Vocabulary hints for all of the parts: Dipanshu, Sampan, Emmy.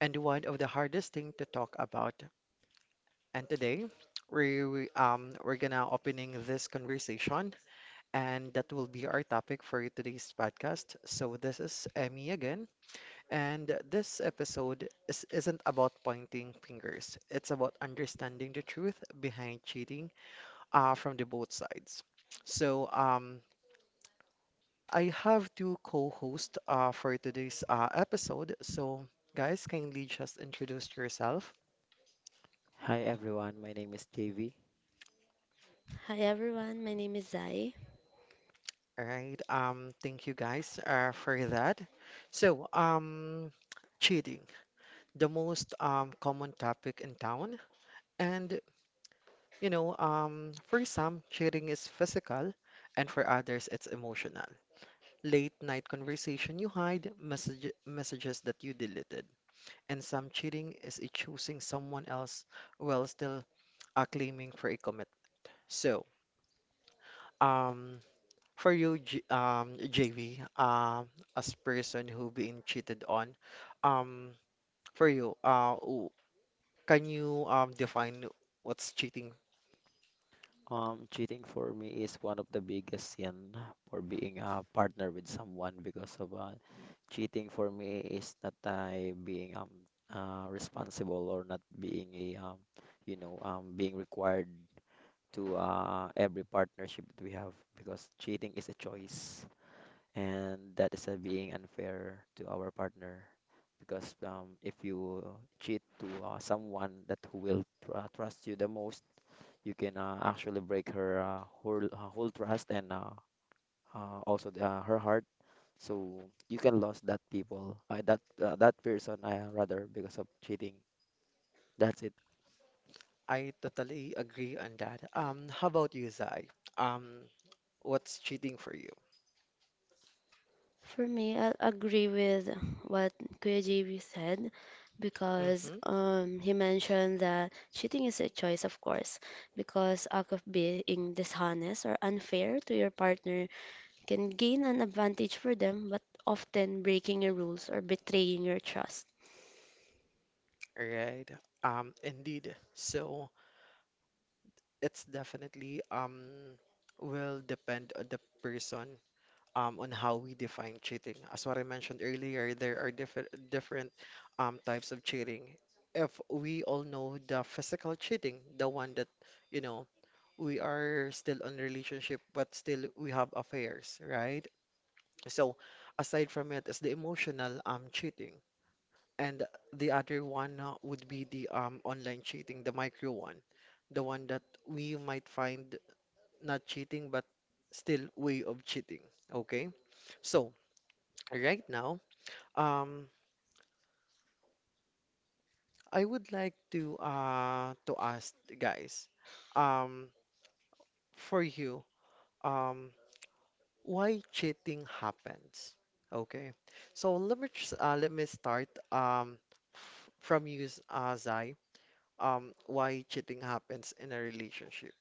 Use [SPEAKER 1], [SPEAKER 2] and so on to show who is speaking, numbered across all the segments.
[SPEAKER 1] and one of the hardest thing to talk about. And today, we're gonna opening this conversation, and that will be our topic for today's podcast. So this is Emmy again, and this episode isn't about pointing fingers. It's about understanding the truth behind cheating from the both sides. So I have two co-hosts for today's episode. So, guys, kindly just introduce yourself.
[SPEAKER 2] Hi everyone, my name is JV.
[SPEAKER 3] Hi everyone, my name is Zai.
[SPEAKER 1] All right. Thank you guys for that. So, um, Cheating, the most common topic in town. And, for some, cheating is physical, and for others, it's emotional. Late night conversation you hide, messages that you deleted. And some cheating is a choosing someone else while still claiming for a commit. So, um, for you, J JV, as person who being cheated on, um, for you, can you define what's cheating?
[SPEAKER 2] Cheating for me is one of the biggest sin for being a partner with someone because of cheating for me is not I being responsible or not being a being required to every partnership that we have because cheating is a choice and that is being unfair to our partner because if you cheat to someone that who will trust you the most you can actually break her whole trust and also her heart. So you can lose that people, that that person, rather because of cheating. That's it.
[SPEAKER 1] I totally agree on that. How about you, Zai? Um, what's cheating for you?
[SPEAKER 3] For me, I agree with what Kuya JB said because
[SPEAKER 1] Mm-hmm.
[SPEAKER 3] he mentioned that cheating is a choice. Of course, because act of being dishonest or unfair to your partner can gain an advantage for them, but often breaking your rules or betraying your trust.
[SPEAKER 1] Right. Indeed. So it's definitely will depend on the person on how we define cheating. As what I mentioned earlier, there are different types of cheating. If we all know the physical cheating, the one that, you know, we are still on relationship but still we have affairs, right? So aside from it is the emotional cheating. And the other one would be the online cheating, the micro one, the one that we might find not cheating but still way of cheating. Okay? So right now, um, I would like to ask guys, um, for you, um, why cheating happens? Okay, so let me just, let me start f from you, Zai. Why cheating happens in a relationship?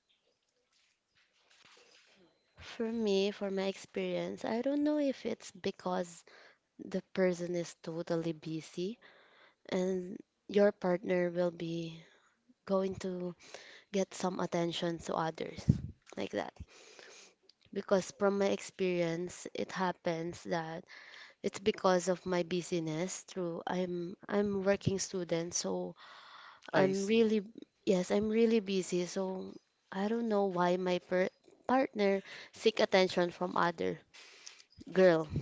[SPEAKER 3] For me, for my experience, I don't know if it's because the person is totally busy and your partner will be going to get some attention to others like that. Because from my experience, it happens that it's because of my busyness. Through I'm working student, so
[SPEAKER 1] I
[SPEAKER 3] I'm
[SPEAKER 1] see.
[SPEAKER 3] really, yes, I'm really busy. So I don't know why my partner seek attention from other girl.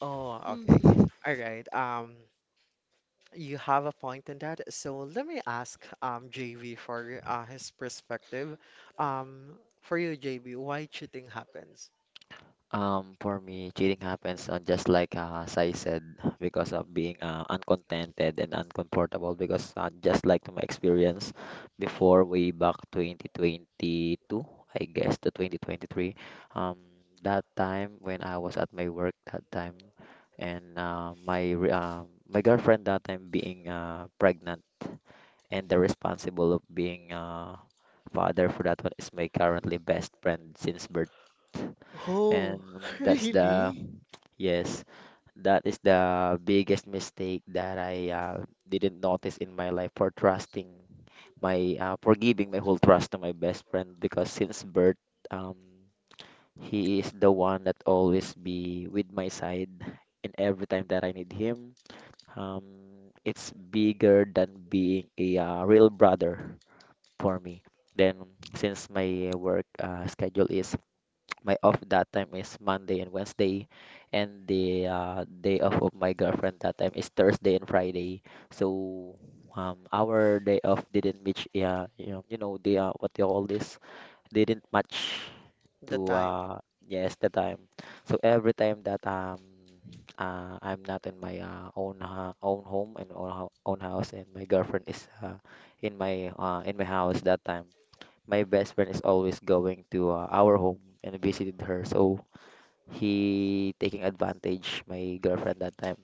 [SPEAKER 1] Oh, okay.
[SPEAKER 3] Mm.
[SPEAKER 1] All right. You have a point in that. So let me ask JV for his perspective. For you, JV, why cheating happens?
[SPEAKER 2] For me, cheating happens on just like as I said, because of being uncontented and uncomfortable. Because just like to my experience before, way back 2022, I guess to 2023, um, that time when I was at my work that time, and my girlfriend that time being pregnant, and the responsible of being father for that one is my currently best friend since birth
[SPEAKER 1] Oh,
[SPEAKER 2] and that's the
[SPEAKER 1] really?
[SPEAKER 2] yes, that is the biggest mistake that I didn't notice in my life for trusting my for giving my whole trust to my best friend because since birth, um, he is the one that always be with my side and every time that I need him. It's bigger than being a real brother for me. Then since my off that time is Monday and Wednesday, and the day off of my girlfriend that time is Thursday and Friday. So our day off didn't match. Yeah, you know the what they call this didn't match
[SPEAKER 1] The
[SPEAKER 2] to
[SPEAKER 1] time.
[SPEAKER 2] yes the time. So every time that I'm not in my own home and own, own house, and my girlfriend is in my house that time my best friend is always going to our home and visited her. So he taking advantage my girlfriend that time.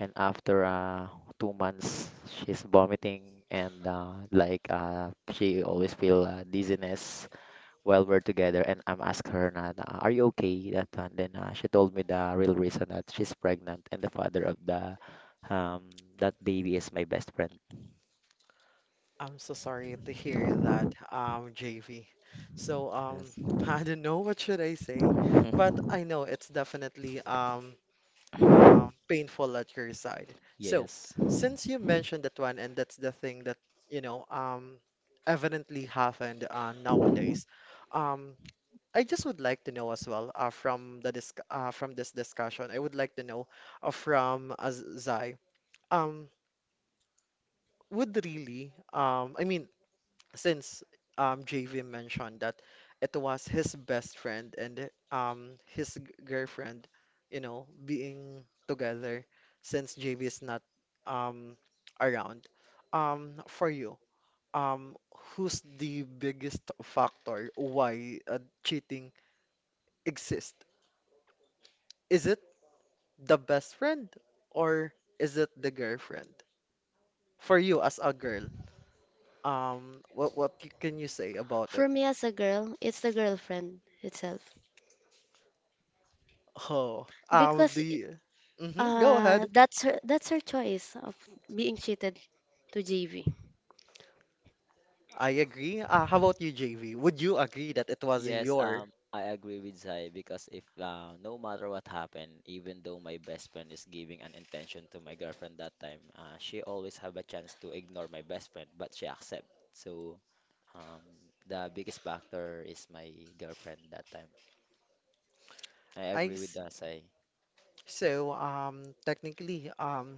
[SPEAKER 2] And after 2 months, she's vomiting and she always feel dizziness while we're together. And I'm asking her, "Are you okay?" That time, then she told me the real reason that she's pregnant and the father of the that baby is my best friend.
[SPEAKER 1] I'm so sorry to hear that, JV. So
[SPEAKER 2] Yes.
[SPEAKER 1] I don't know what should I say, but I know it's definitely painful at your side. So,
[SPEAKER 2] Yes.
[SPEAKER 1] since you mentioned that one, and that's the thing that, you know, evidently happened nowadays, um, I just would like to know as well from this discussion. I would like to know from Zai, um, would really, I mean, since JV mentioned that it was his best friend and his girlfriend, you know, being together since JV is not um around. For you, um who's the biggest factor why cheating exists? Is it the best friend or is it the girlfriend? For you as a girl, what can you say about it?
[SPEAKER 3] For me as a girl, it's the girlfriend itself
[SPEAKER 1] Oh,
[SPEAKER 3] because
[SPEAKER 1] do you? Hmm, go ahead.
[SPEAKER 3] that's her choice of being cheated to JV.
[SPEAKER 1] I agree. How about you, JV? Would you agree that it was
[SPEAKER 2] Yes,
[SPEAKER 1] your?
[SPEAKER 2] I agree with Zai because if no matter what happened, even though my best friend is giving an intention to my girlfriend that time, she always have a chance to ignore my best friend, but she accept. So, um, the biggest factor is my girlfriend that time. I
[SPEAKER 1] I
[SPEAKER 2] agree with
[SPEAKER 1] see.
[SPEAKER 2] that, Sai.
[SPEAKER 1] Technically,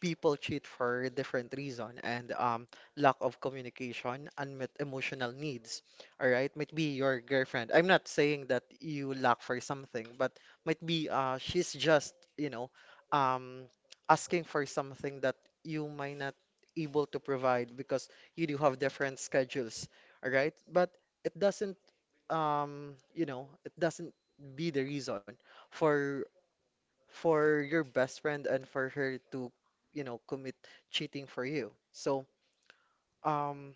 [SPEAKER 1] people cheat for different reason and lack of communication, unmet emotional needs. All right, might be your girlfriend. I'm not saying that you lack for something, but might be she's just, you know, um asking for something that you might not able to provide because you do have different schedules. All right, but it doesn't you know, it doesn't be the reason for your best friend and for her to, you know, commit cheating for you. Um,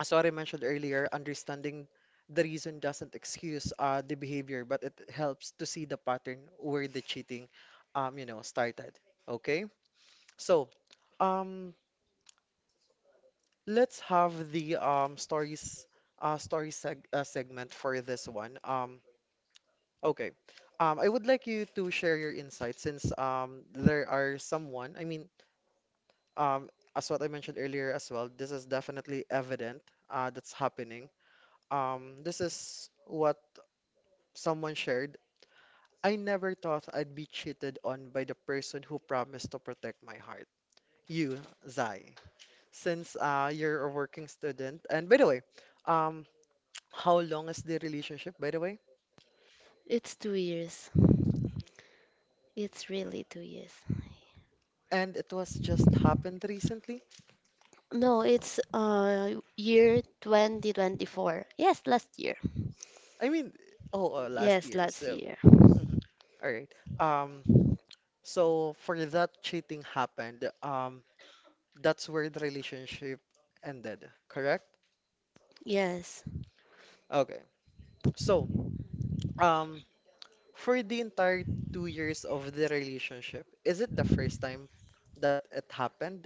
[SPEAKER 1] as what I mentioned earlier, understanding the reason doesn't excuse the behavior, but it helps to see the pattern where the cheating, you know, started. Okay? So, um, let's have the stories story seg segment for this one. Okay. I would like you to share your insights since there are someone, I mean, um, as what I mentioned earlier as well, this is definitely evident that's happening. This is what someone shared. I never thought I'd be cheated on by the person who promised to protect my heart. You, Zai. Since you're a working student, and by the way, um, how long is the relationship, by the way?
[SPEAKER 3] It's two years. It's really two years.
[SPEAKER 1] And it was just happened recently?
[SPEAKER 3] No, it's year 2024. Yes, last year.
[SPEAKER 1] I mean, oh, last
[SPEAKER 3] Yes,
[SPEAKER 1] year.
[SPEAKER 3] last
[SPEAKER 1] So,
[SPEAKER 3] year.
[SPEAKER 1] all right. Um, so for that cheating happened, that's where the relationship ended, correct?
[SPEAKER 3] Yes.
[SPEAKER 1] Okay. So, um, for the entire 2 years of the relationship, is it the first time that it happened?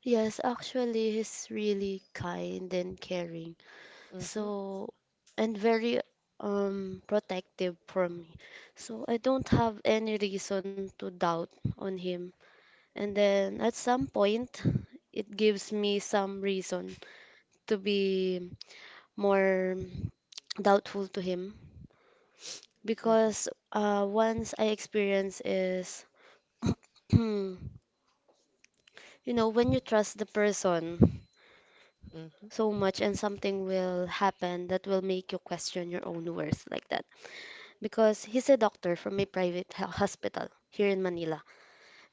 [SPEAKER 3] Yes, actually he's really kind and caring.
[SPEAKER 1] Mm-hmm,
[SPEAKER 3] So, and very protective for me. So I don't have any reason to doubt on him. And then at some point it gives me some reason to be more doubtful to him
[SPEAKER 1] mm-hmm,
[SPEAKER 3] because once I experience is you know, when you trust the person
[SPEAKER 1] mm-hmm.
[SPEAKER 3] so much and something will happen that will make you question your own worth like that, because he's a doctor from a private hospital here in Manila.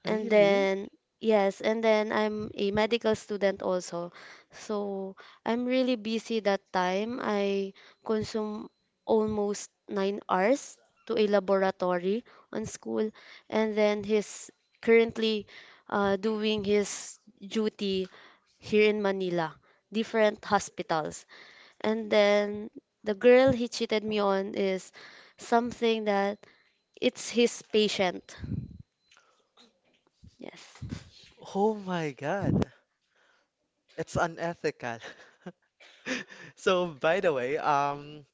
[SPEAKER 3] And
[SPEAKER 1] Really?
[SPEAKER 3] then, yes, and then I'm a medical student also. So I'm really busy that time. I consume almost nine hours to a laboratory on school. And then he's currently doing his duty here in Manila, different hospitals. And then the girl he cheated me on is something that it's his patient. Yes.
[SPEAKER 1] Oh my God. It's unethical. So, by the way,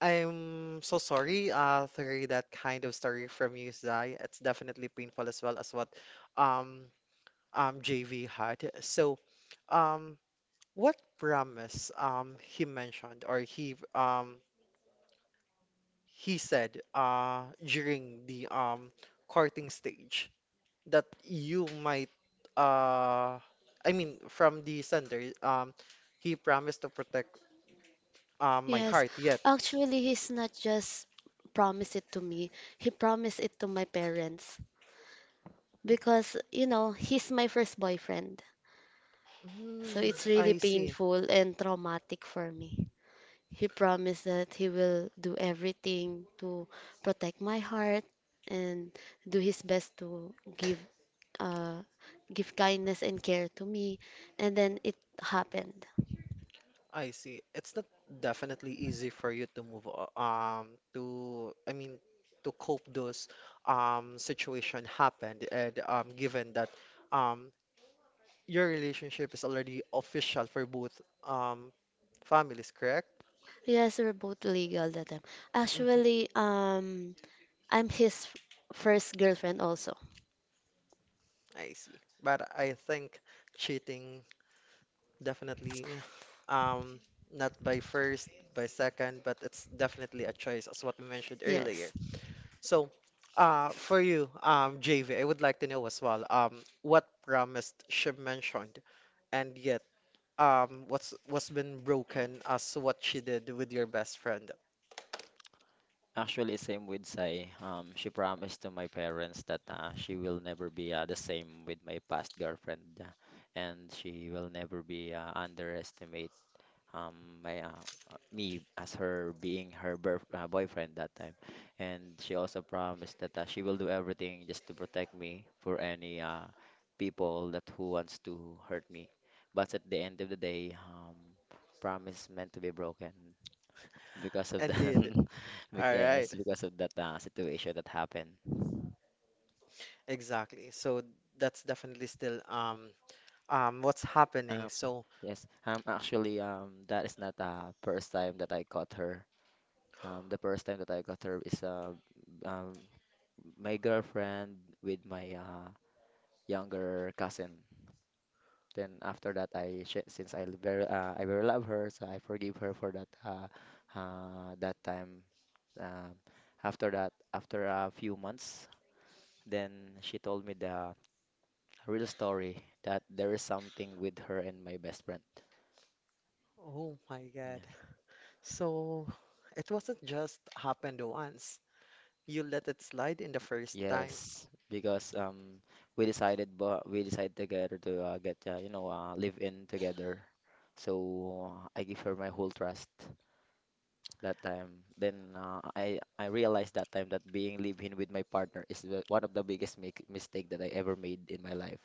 [SPEAKER 1] I'm so sorry to hear that kind of story from you, Zai. It's definitely painful as well as what um JV had. So, um what promise he mentioned or he said during the courting stage that you might uh I mean, from the sender, he promised to protect my
[SPEAKER 3] Yes,
[SPEAKER 1] heart, yet.
[SPEAKER 3] actually, he's not just promised it to me. He promised it to my parents because, you know, he's my first boyfriend. So
[SPEAKER 1] Hmm,
[SPEAKER 3] it's really
[SPEAKER 1] I see.
[SPEAKER 3] painful and traumatic for me. He promised that he will do everything to protect my heart and do his best to give uh give kindness and care to me. And then it happened.
[SPEAKER 1] I see, it's not definitely easy for you to I mean to cope those situation happened, and given that um your relationship is already official for both um families, correct?
[SPEAKER 3] Yes, we're both legal that time.
[SPEAKER 1] Hmm.
[SPEAKER 3] Actually, I'm his first girlfriend also.
[SPEAKER 1] I see. But I think cheating definitely um not by first, by second, but it's definitely a choice as what we mentioned
[SPEAKER 3] Yes.
[SPEAKER 1] earlier. So, for you, JV, I would like to know as well, what promise she mentioned, and yet what's been broken as what she did with your best friend.
[SPEAKER 2] Actually, same with Sai. She promised to my parents that she will never be the same with my past girlfriend, and she will never be underestimate um my me as her being her boyfriend that time and she also promised that she will do everything just to protect me for any people that who wants to hurt me but at the end of the day promise meant to be broken because of
[SPEAKER 1] And
[SPEAKER 2] that.
[SPEAKER 1] did. All right.
[SPEAKER 2] Yes, because of that situation that happened.
[SPEAKER 1] Exactly. So that's definitely still what's happening.
[SPEAKER 2] um,
[SPEAKER 1] So,
[SPEAKER 2] yes, Actually, that is not the first time that I caught her. The first time that I caught her is um, my girlfriend with my younger cousin. Then after that, I sh- since I l- very I very love her, so I forgive her for that time. Um, After that, after a few months, then she told me the real story that there is something with her and my best friend.
[SPEAKER 1] oh my God.
[SPEAKER 2] Yes,
[SPEAKER 1] So it wasn't just happened once. You let it slide in the first time.
[SPEAKER 2] yes, because we decided together to get you know live in together. So I give her my whole trust that time. Then I realized that time that being live-in with my partner is one of the biggest mistake that I ever made in my life.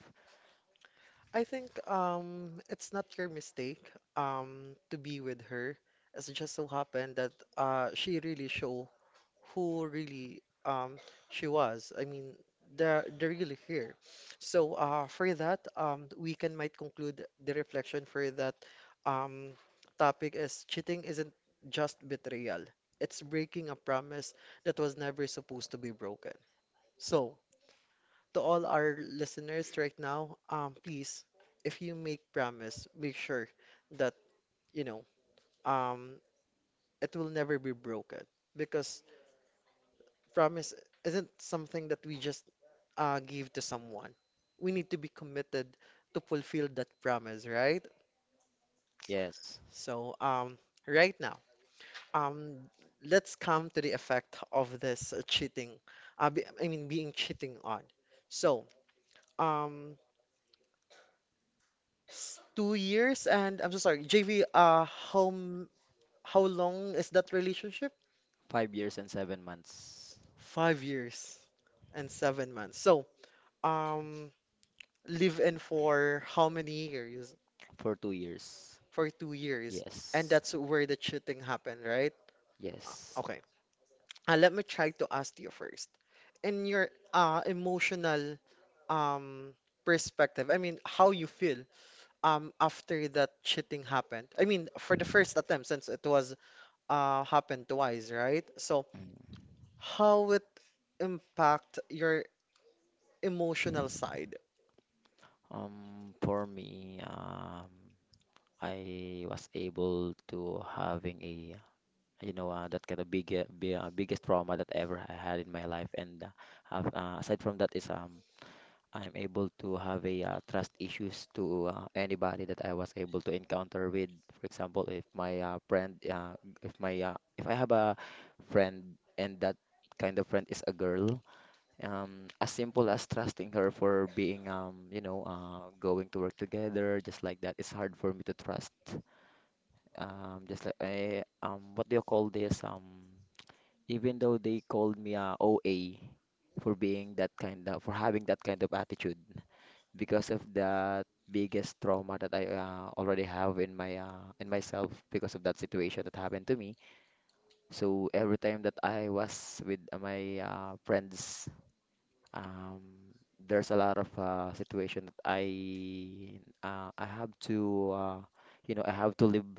[SPEAKER 1] I think it's not your mistake to be with her. It's just so happened that she really show who really she was. I mean, they're really here. So for that we can might conclude the reflection for that um topic is cheating isn't just betrayal. It's breaking a promise that was never supposed to be broken. So, to all our listeners right now, please, if you make promise, make sure that you know um it will never be broken, because promise isn't something that we just give to someone. We need to be committed to fulfill that promise, right?
[SPEAKER 2] Yes,
[SPEAKER 1] So, um, right now, um, let's come to the effect of this cheating. I mean, being cheating on. So, um, 2 years, and I'm so sorry, JV. How m- how long is that relationship?
[SPEAKER 2] 5 years and 7 months
[SPEAKER 1] 5 years and 7 months. Um, Live in for how many years?
[SPEAKER 2] for 2 years.
[SPEAKER 1] For 2 years, and
[SPEAKER 2] Yes,
[SPEAKER 1] that's where the cheating happened, right?
[SPEAKER 2] yes.
[SPEAKER 1] Okay, let me try to ask you first. In your emotional um perspective, I mean, how you feel after that cheating happened. I mean, for the first attempt, since it was happened twice, right? So
[SPEAKER 2] Mm.
[SPEAKER 1] how it impact your emotional side?
[SPEAKER 2] Um, for me, I was able to having a that kind of biggest trauma that ever I had in my life, and have, aside from that is I'm able to have a trust issues to anybody that I was able to encounter with. For example, if my if I have a friend and that kind of friend is a girl, as simple as trusting her for being, you know, going to work together, just like that, it's hard for me to trust. What do you call this? Even though they called me a O A for being that kind of, for having that kind of attitude because of that biggest trauma that I already have in my in myself because of that situation that happened to me. So every time that I was with my friends, um, there's a lot of situation that I have to you know I have to live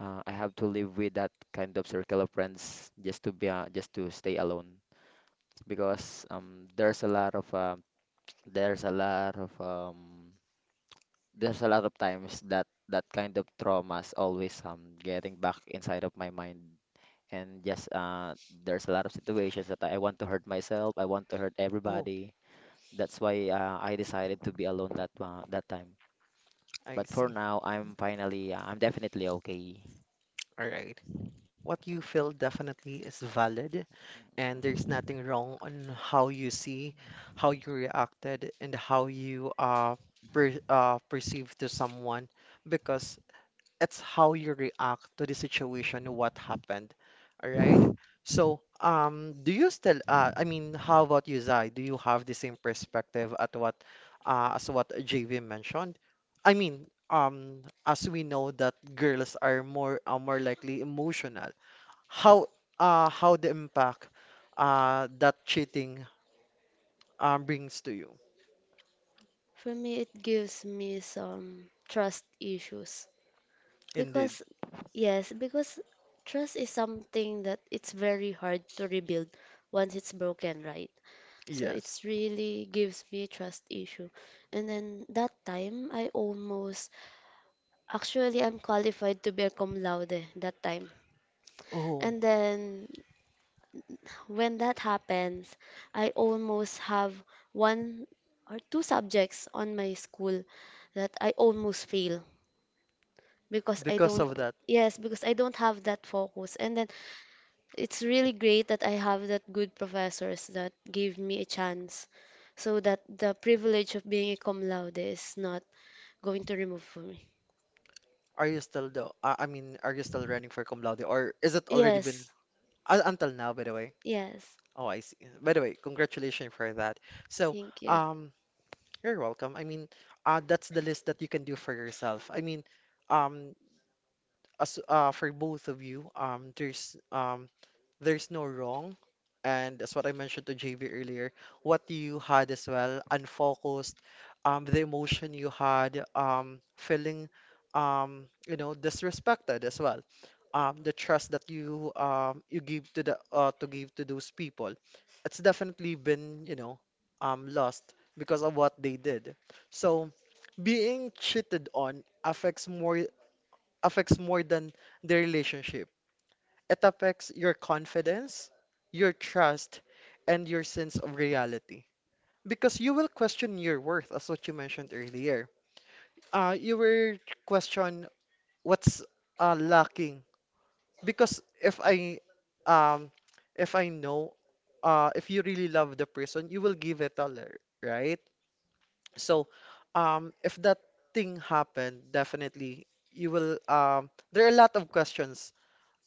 [SPEAKER 2] I have to live with that kind of circle of friends just to be just to stay alone because there's a lot of there's a lot of times that that kind of traumas always getting back inside of my mind and just there's a lot of situations that I want to hurt myself, I want to hurt
[SPEAKER 1] Oh,
[SPEAKER 2] everybody. That's why I decided to be alone that time, but
[SPEAKER 1] I
[SPEAKER 2] for
[SPEAKER 1] see.
[SPEAKER 2] now I'm definitely okay.
[SPEAKER 1] All right. What you feel definitely is valid, and there's nothing wrong on how you see, how you reacted, and how you perceive to someone, because it's how you react to the situation, what happened. All right. Do you still I mean, how about you, Zai? Do you have the same perspective at what as what JV mentioned? I mean, as we know that girls are more more likely emotional, how how the impact that cheating brings to you.
[SPEAKER 3] For me, it gives me some trust issues.
[SPEAKER 1] Indeed.
[SPEAKER 3] Because, yes, because trust is something that it's very hard to rebuild once it's broken, right? So
[SPEAKER 1] Yes.
[SPEAKER 3] it's really gives me trust issue. And then that time, I almost, actually, I'm qualified to be a cum laude that time.
[SPEAKER 1] Oh,
[SPEAKER 3] And then when that happens, I almost have one or two subjects on my school that I almost fail because I
[SPEAKER 1] because
[SPEAKER 3] don't,
[SPEAKER 1] of that,
[SPEAKER 3] yes, because I don't have that focus. And then it's really great that I have that good professors that gave me a chance so that the privilege of being a cum laude is not going to remove for me.
[SPEAKER 1] are you still though? I mean, are you still running for cum laude, or is it already been
[SPEAKER 3] Yes,
[SPEAKER 1] until now, by the way?
[SPEAKER 3] yes.
[SPEAKER 1] Oh, I see. By the way, congratulations for that. So,
[SPEAKER 3] Thank you.
[SPEAKER 1] um, you're welcome. I mean, that's the list that you can do for yourself. I mean, um, as for both of you, there's no wrong. And that's what I mentioned to JV earlier. What you had as well, unfocused, the emotion you had, feeling, you know, disrespected as well. The trust that you give to the to give to those people, it's definitely been, you know, lost because of what they did. So being cheated on affects more than the relationship. It affects your confidence, your trust, and your sense of reality. Because you will question your worth, as what you mentioned earlier. You will question what's lacking. Because um, if I know, if you really love the person, you will give it all, right? So, if that thing happened, definitely you will. There are a lot of questions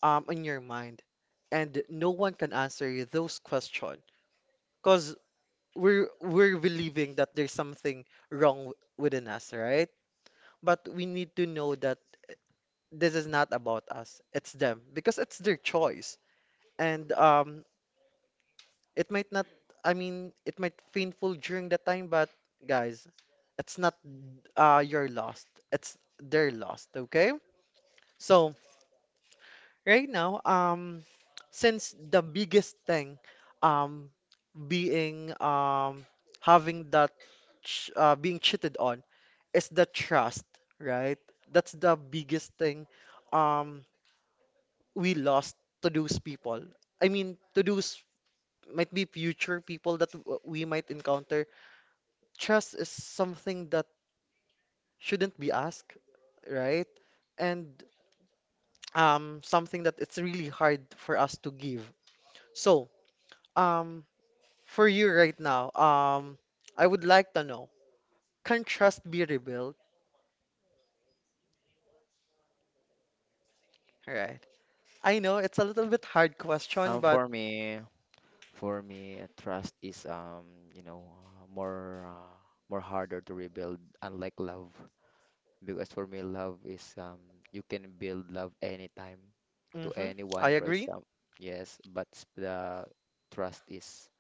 [SPEAKER 1] in your mind, and no one can answer you those questions because we're believing that there's something wrong within us, right? But we need to know that this is not about us; it's them because it's their choice, and it might not. I mean, it might painful during the time, but guys, it's not your loss; it's their loss. Okay, so. Right now, since the biggest thing, um, being having that ch being cheated on is the trust, right? That's the biggest thing um we lost to those people. I mean, to those might be future people that we might encounter. Trust is something that shouldn't be asked, right? And something that it's really hard for us to give. So, um for you right now, I would like to know, can trust be rebuilt? Right. I know it's a little bit hard question,
[SPEAKER 2] um
[SPEAKER 1] but
[SPEAKER 2] for me for me trust is more harder to rebuild unlike love. Because for me, love is you can build love anytime to
[SPEAKER 1] mhm, I
[SPEAKER 2] anyone, for
[SPEAKER 1] agree.
[SPEAKER 2] example. Yes, but the trust is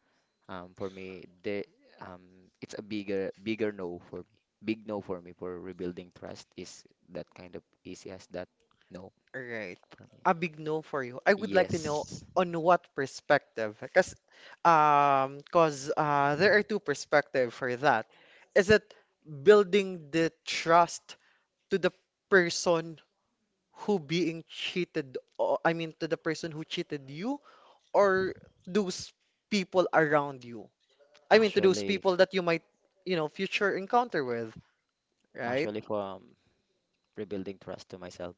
[SPEAKER 2] for me the um it's a bigger no for me. Big no for me for rebuilding trust is that kind of easy as that, no
[SPEAKER 1] Right.
[SPEAKER 2] for me.
[SPEAKER 1] A big no for you. I would like to know
[SPEAKER 2] Yes,
[SPEAKER 1] on what perspective, because cause there are two perspectives for that. Is it building the trust to the person who being cheated, I mean to the person who cheated you, or those people around you? I mean, to those
[SPEAKER 2] actually,
[SPEAKER 1] people that you might, you know, future encounter with, right?
[SPEAKER 2] actually for rebuilding trust to myself,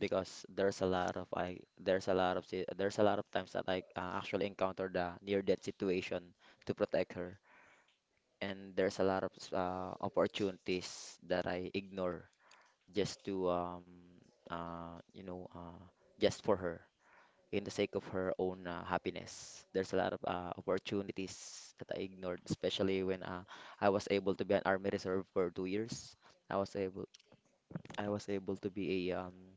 [SPEAKER 2] because there's a lot of I there's a lot of si- there's a lot of times that I actually encounter the near death situation to protect her, and there's a lot of opportunities that I ignore just to uh you know uh just for her in the sake of her own happiness. There's a lot of opportunities that I ignored, especially when I was able to be an army reserve for 2 years. I was able I was able to be a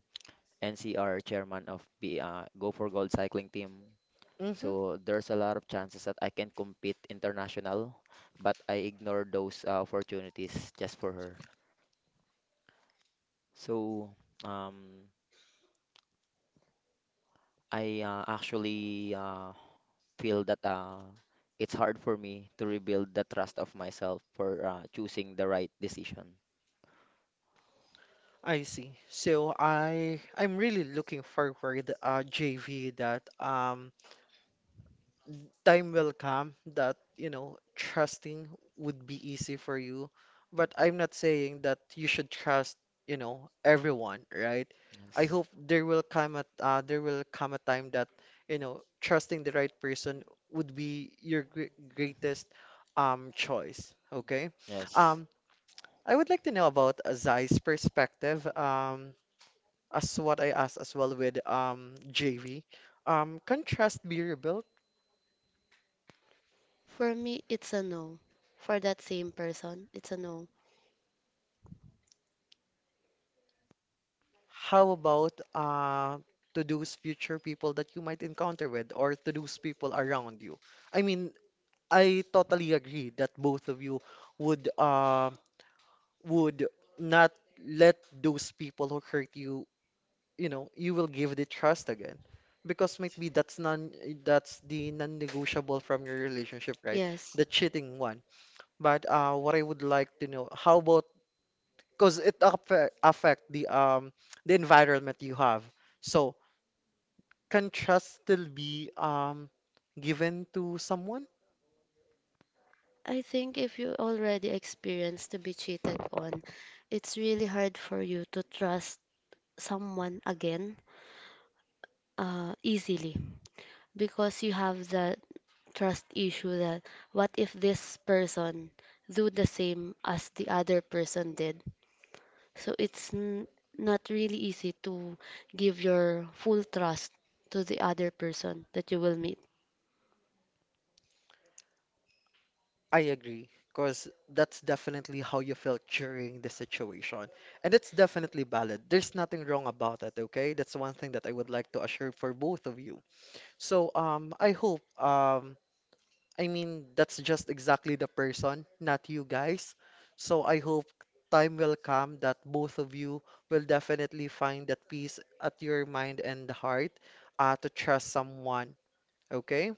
[SPEAKER 2] NCR chairman of the Go for Gold cycling team.
[SPEAKER 1] Mm-hmm.
[SPEAKER 2] So there's a lot of chances that I can compete international, but I ignore those opportunities just for her. So um, I actually feel that it's hard for me to rebuild the trust of myself for choosing the right decision.
[SPEAKER 1] I see. So I'm really looking forward JV that time will come that, you know, trusting would be easy for you. But I'm not saying that you should trust, you know, everyone, right? I
[SPEAKER 2] Yes,
[SPEAKER 1] hope there will come a there will come a time that, you know, trusting the right person would be your greatest choice, okay?
[SPEAKER 2] yes,
[SPEAKER 1] Um, I would like to know about Zai's perspective, as what I asked as well with JV. Can trust be rebuilt?
[SPEAKER 3] For me, it's a no. For that same person, it's a no.
[SPEAKER 1] How about to those future people that you might encounter with or to those people around you? I mean, I totally agree that both of you would uh, would not let those people who hurt you, you know, you will give the trust again. Because maybe that's non that's the non-negotiable from your relationship, right?
[SPEAKER 3] Yes.
[SPEAKER 1] The cheating one. But what I would like to know, how about because it affect the environment you have. So, can trust still be given to someone?
[SPEAKER 3] I think if you already experienced to be cheated on, it's really hard for you to trust someone again, easily, because you have that trust issue that what if this person do the same as the other person did? So it's not really easy to give your full trust to the other person that you will meet.
[SPEAKER 1] I agree, because that's definitely how you felt during the situation. And it's definitely valid. There's nothing wrong about it, okay? That's one thing that I would like to assure for both of you. So, I hope, I mean, that's just exactly the person, not you guys. So I hope time will come that both of you will definitely find that peace at your mind and the heart, to trust someone, okay?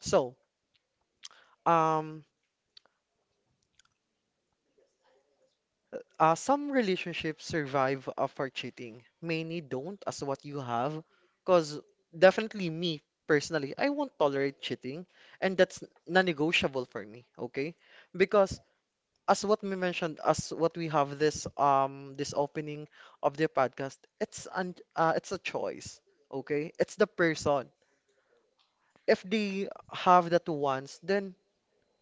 [SPEAKER 1] So, um, some relationships survive for cheating. Many don't, as what you have. Because definitely me, personally, I won't tolerate cheating. And that's non-negotiable for me, okay? Because as what we mentioned, as what we have this this opening of the podcast, it's an it's a choice, okay? It's the person. If they have that once, then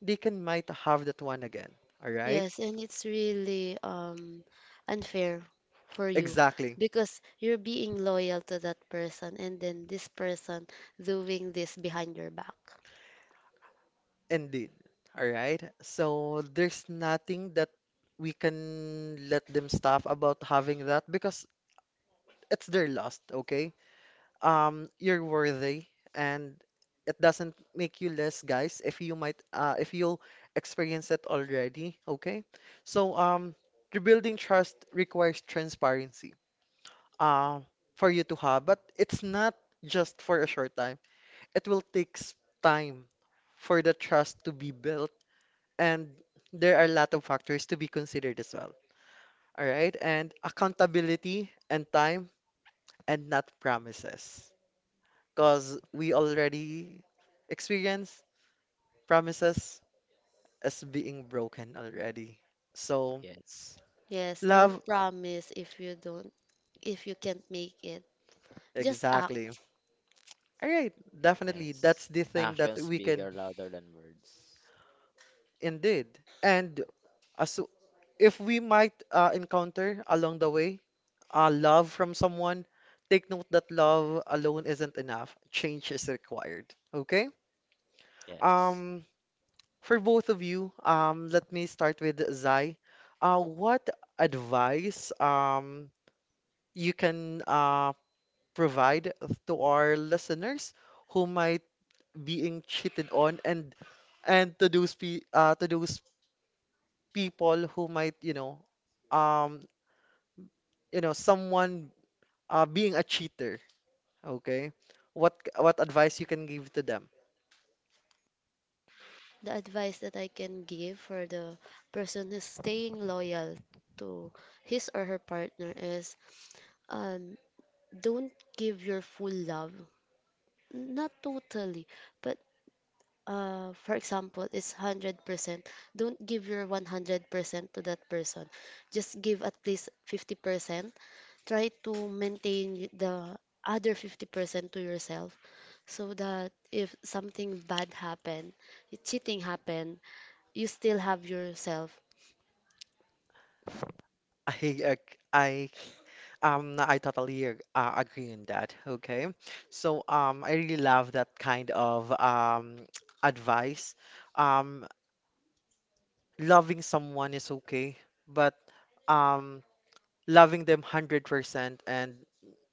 [SPEAKER 1] they can might have that one again. All right?
[SPEAKER 3] Yes, and it's really unfair for you
[SPEAKER 1] Exactly.
[SPEAKER 3] because you're being loyal to that person and then this person doing this behind your back.
[SPEAKER 1] Indeed. All right. So there's nothing that we can let them stop about having that because it's their loss, okay? You're worthy and it doesn't make you less, guys, if you might if you'll experience it already, okay? So rebuilding trust requires transparency uh for you to have, but it's not just for a short time. It will take time for the trust to be built and there are a lot of factors to be considered as well. All right, and accountability and time and not promises, because we already experience promises as being broken already. So,
[SPEAKER 2] yes,
[SPEAKER 3] Yes, don't
[SPEAKER 1] love,
[SPEAKER 3] promise if you don't, if you can't make it. Just
[SPEAKER 1] exactly.
[SPEAKER 3] act.
[SPEAKER 1] All right, definitely,
[SPEAKER 2] yes.
[SPEAKER 1] that's the thing that
[SPEAKER 2] Actions
[SPEAKER 1] we can
[SPEAKER 2] bigger, louder than words.
[SPEAKER 1] indeed. And as if we might encounter along the way love from someone, take note that love alone isn't enough. Change is required. Okay?
[SPEAKER 2] Yes.
[SPEAKER 1] Um, for both of you, let me start with Zai. What advice you can provide to our listeners who might being cheated on and to those pe to those people who might, um, you know, someone being a cheater. Okay. What advice you can give to them?
[SPEAKER 3] The advice that I can give for the person who's staying loyal to his or her partner is um don't give your full love. Not totally, but for example, is 100%, don't give your 100% to that person. Just give at least 50%. Try to maintain the other 50% to yourself so that if something bad happened, if cheating happened, you still have yourself.
[SPEAKER 1] I ag- I totally ag- agree on that. Okay. So I really love that kind of advice. Um Loving someone is okay, but um loving them 100% and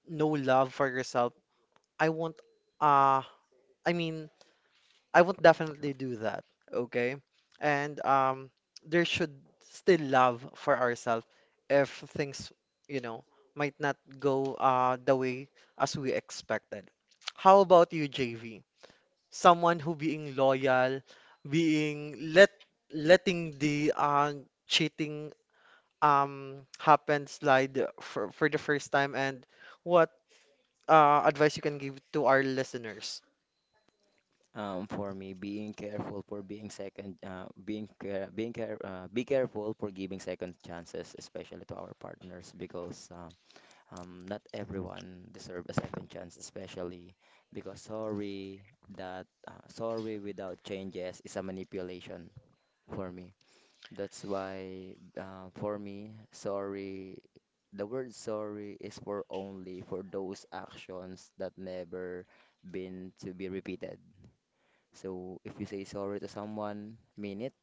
[SPEAKER 1] no love for yourself. I won't uh I mean I would definitely do that, okay? And there should still love for ourselves if things, you know, might not go the way as we expected. How about you, JV? Someone who being loyal, being letting the cheating happen slide for the first time, and what advice you can give to our listeners?
[SPEAKER 2] For me being careful for being second being care, be careful for giving second chances especially to our partners, because not everyone deserve a second chance, especially because sorry without changes is a manipulation for me. That's why for me sorry the word sorry is for only for those actions that never been to be repeated. So if you say sorry to someone, mean it.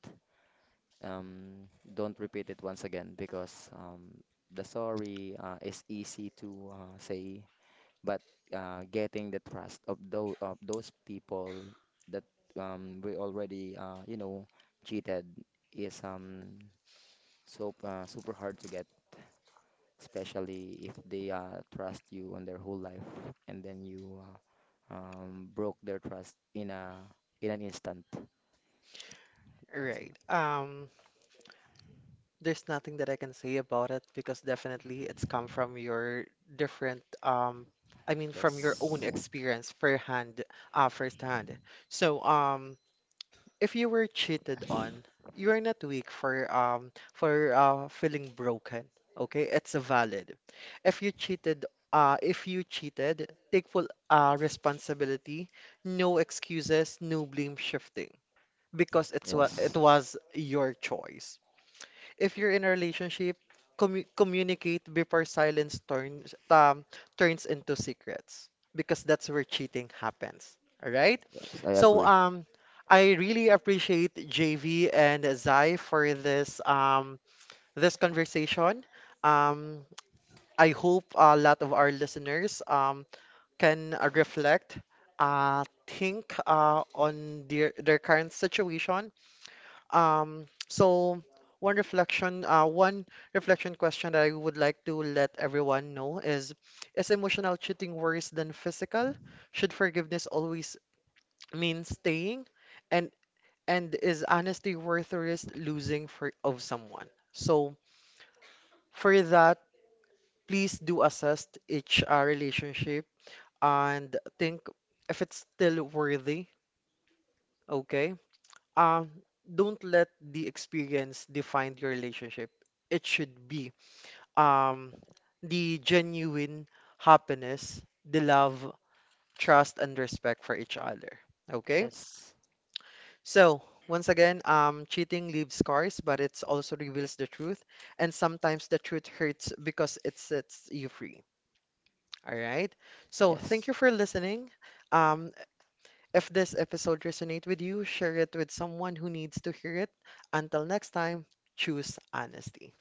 [SPEAKER 2] Don't repeat it once again, because the sorry is easy to say, but getting the trust of those people that we already you know cheated is super hard to get, especially if they trust you on their whole life and then you broke their trust in a in an instant. That's it.
[SPEAKER 1] Right. There's nothing that I can say about it because definitely it's come from your different I mean from your own
[SPEAKER 2] Yes.
[SPEAKER 1] experience firehand firsthand. So if you were cheated on, you are not weak for feeling broken. Okay? It's valid. If you cheated if you cheated, take full responsibility, no excuses, no blame shifting because it
[SPEAKER 2] Yes.
[SPEAKER 1] was your choice if you're in a relationship, communicate before silence turns into secrets because that's where cheating happens. All right.
[SPEAKER 2] Yes. I
[SPEAKER 1] So
[SPEAKER 2] agree.
[SPEAKER 1] I really appreciate JV and Zai for this this conversation. Um, I hope a lot of our listeners can reflect, think on their current situation so one reflection question that I would like to let everyone know is emotional cheating worse than physical? Should forgiveness always mean staying? And and is honesty worth the risk losing for of someone? So for that, please do assess each relationship and think if it's still worthy, okay? Um, don't let the experience define your relationship. It should be um, the genuine happiness, the love, trust, and respect for each other. Okay?
[SPEAKER 2] Yes.
[SPEAKER 1] So, once again, cheating leaves scars, but it also reveals the truth. And sometimes the truth hurts because it sets you free. All right? So,
[SPEAKER 2] Yes.
[SPEAKER 1] thank you for listening. Um, if this episode resonates with you, share it with someone who needs to hear it. Until next time, choose honesty.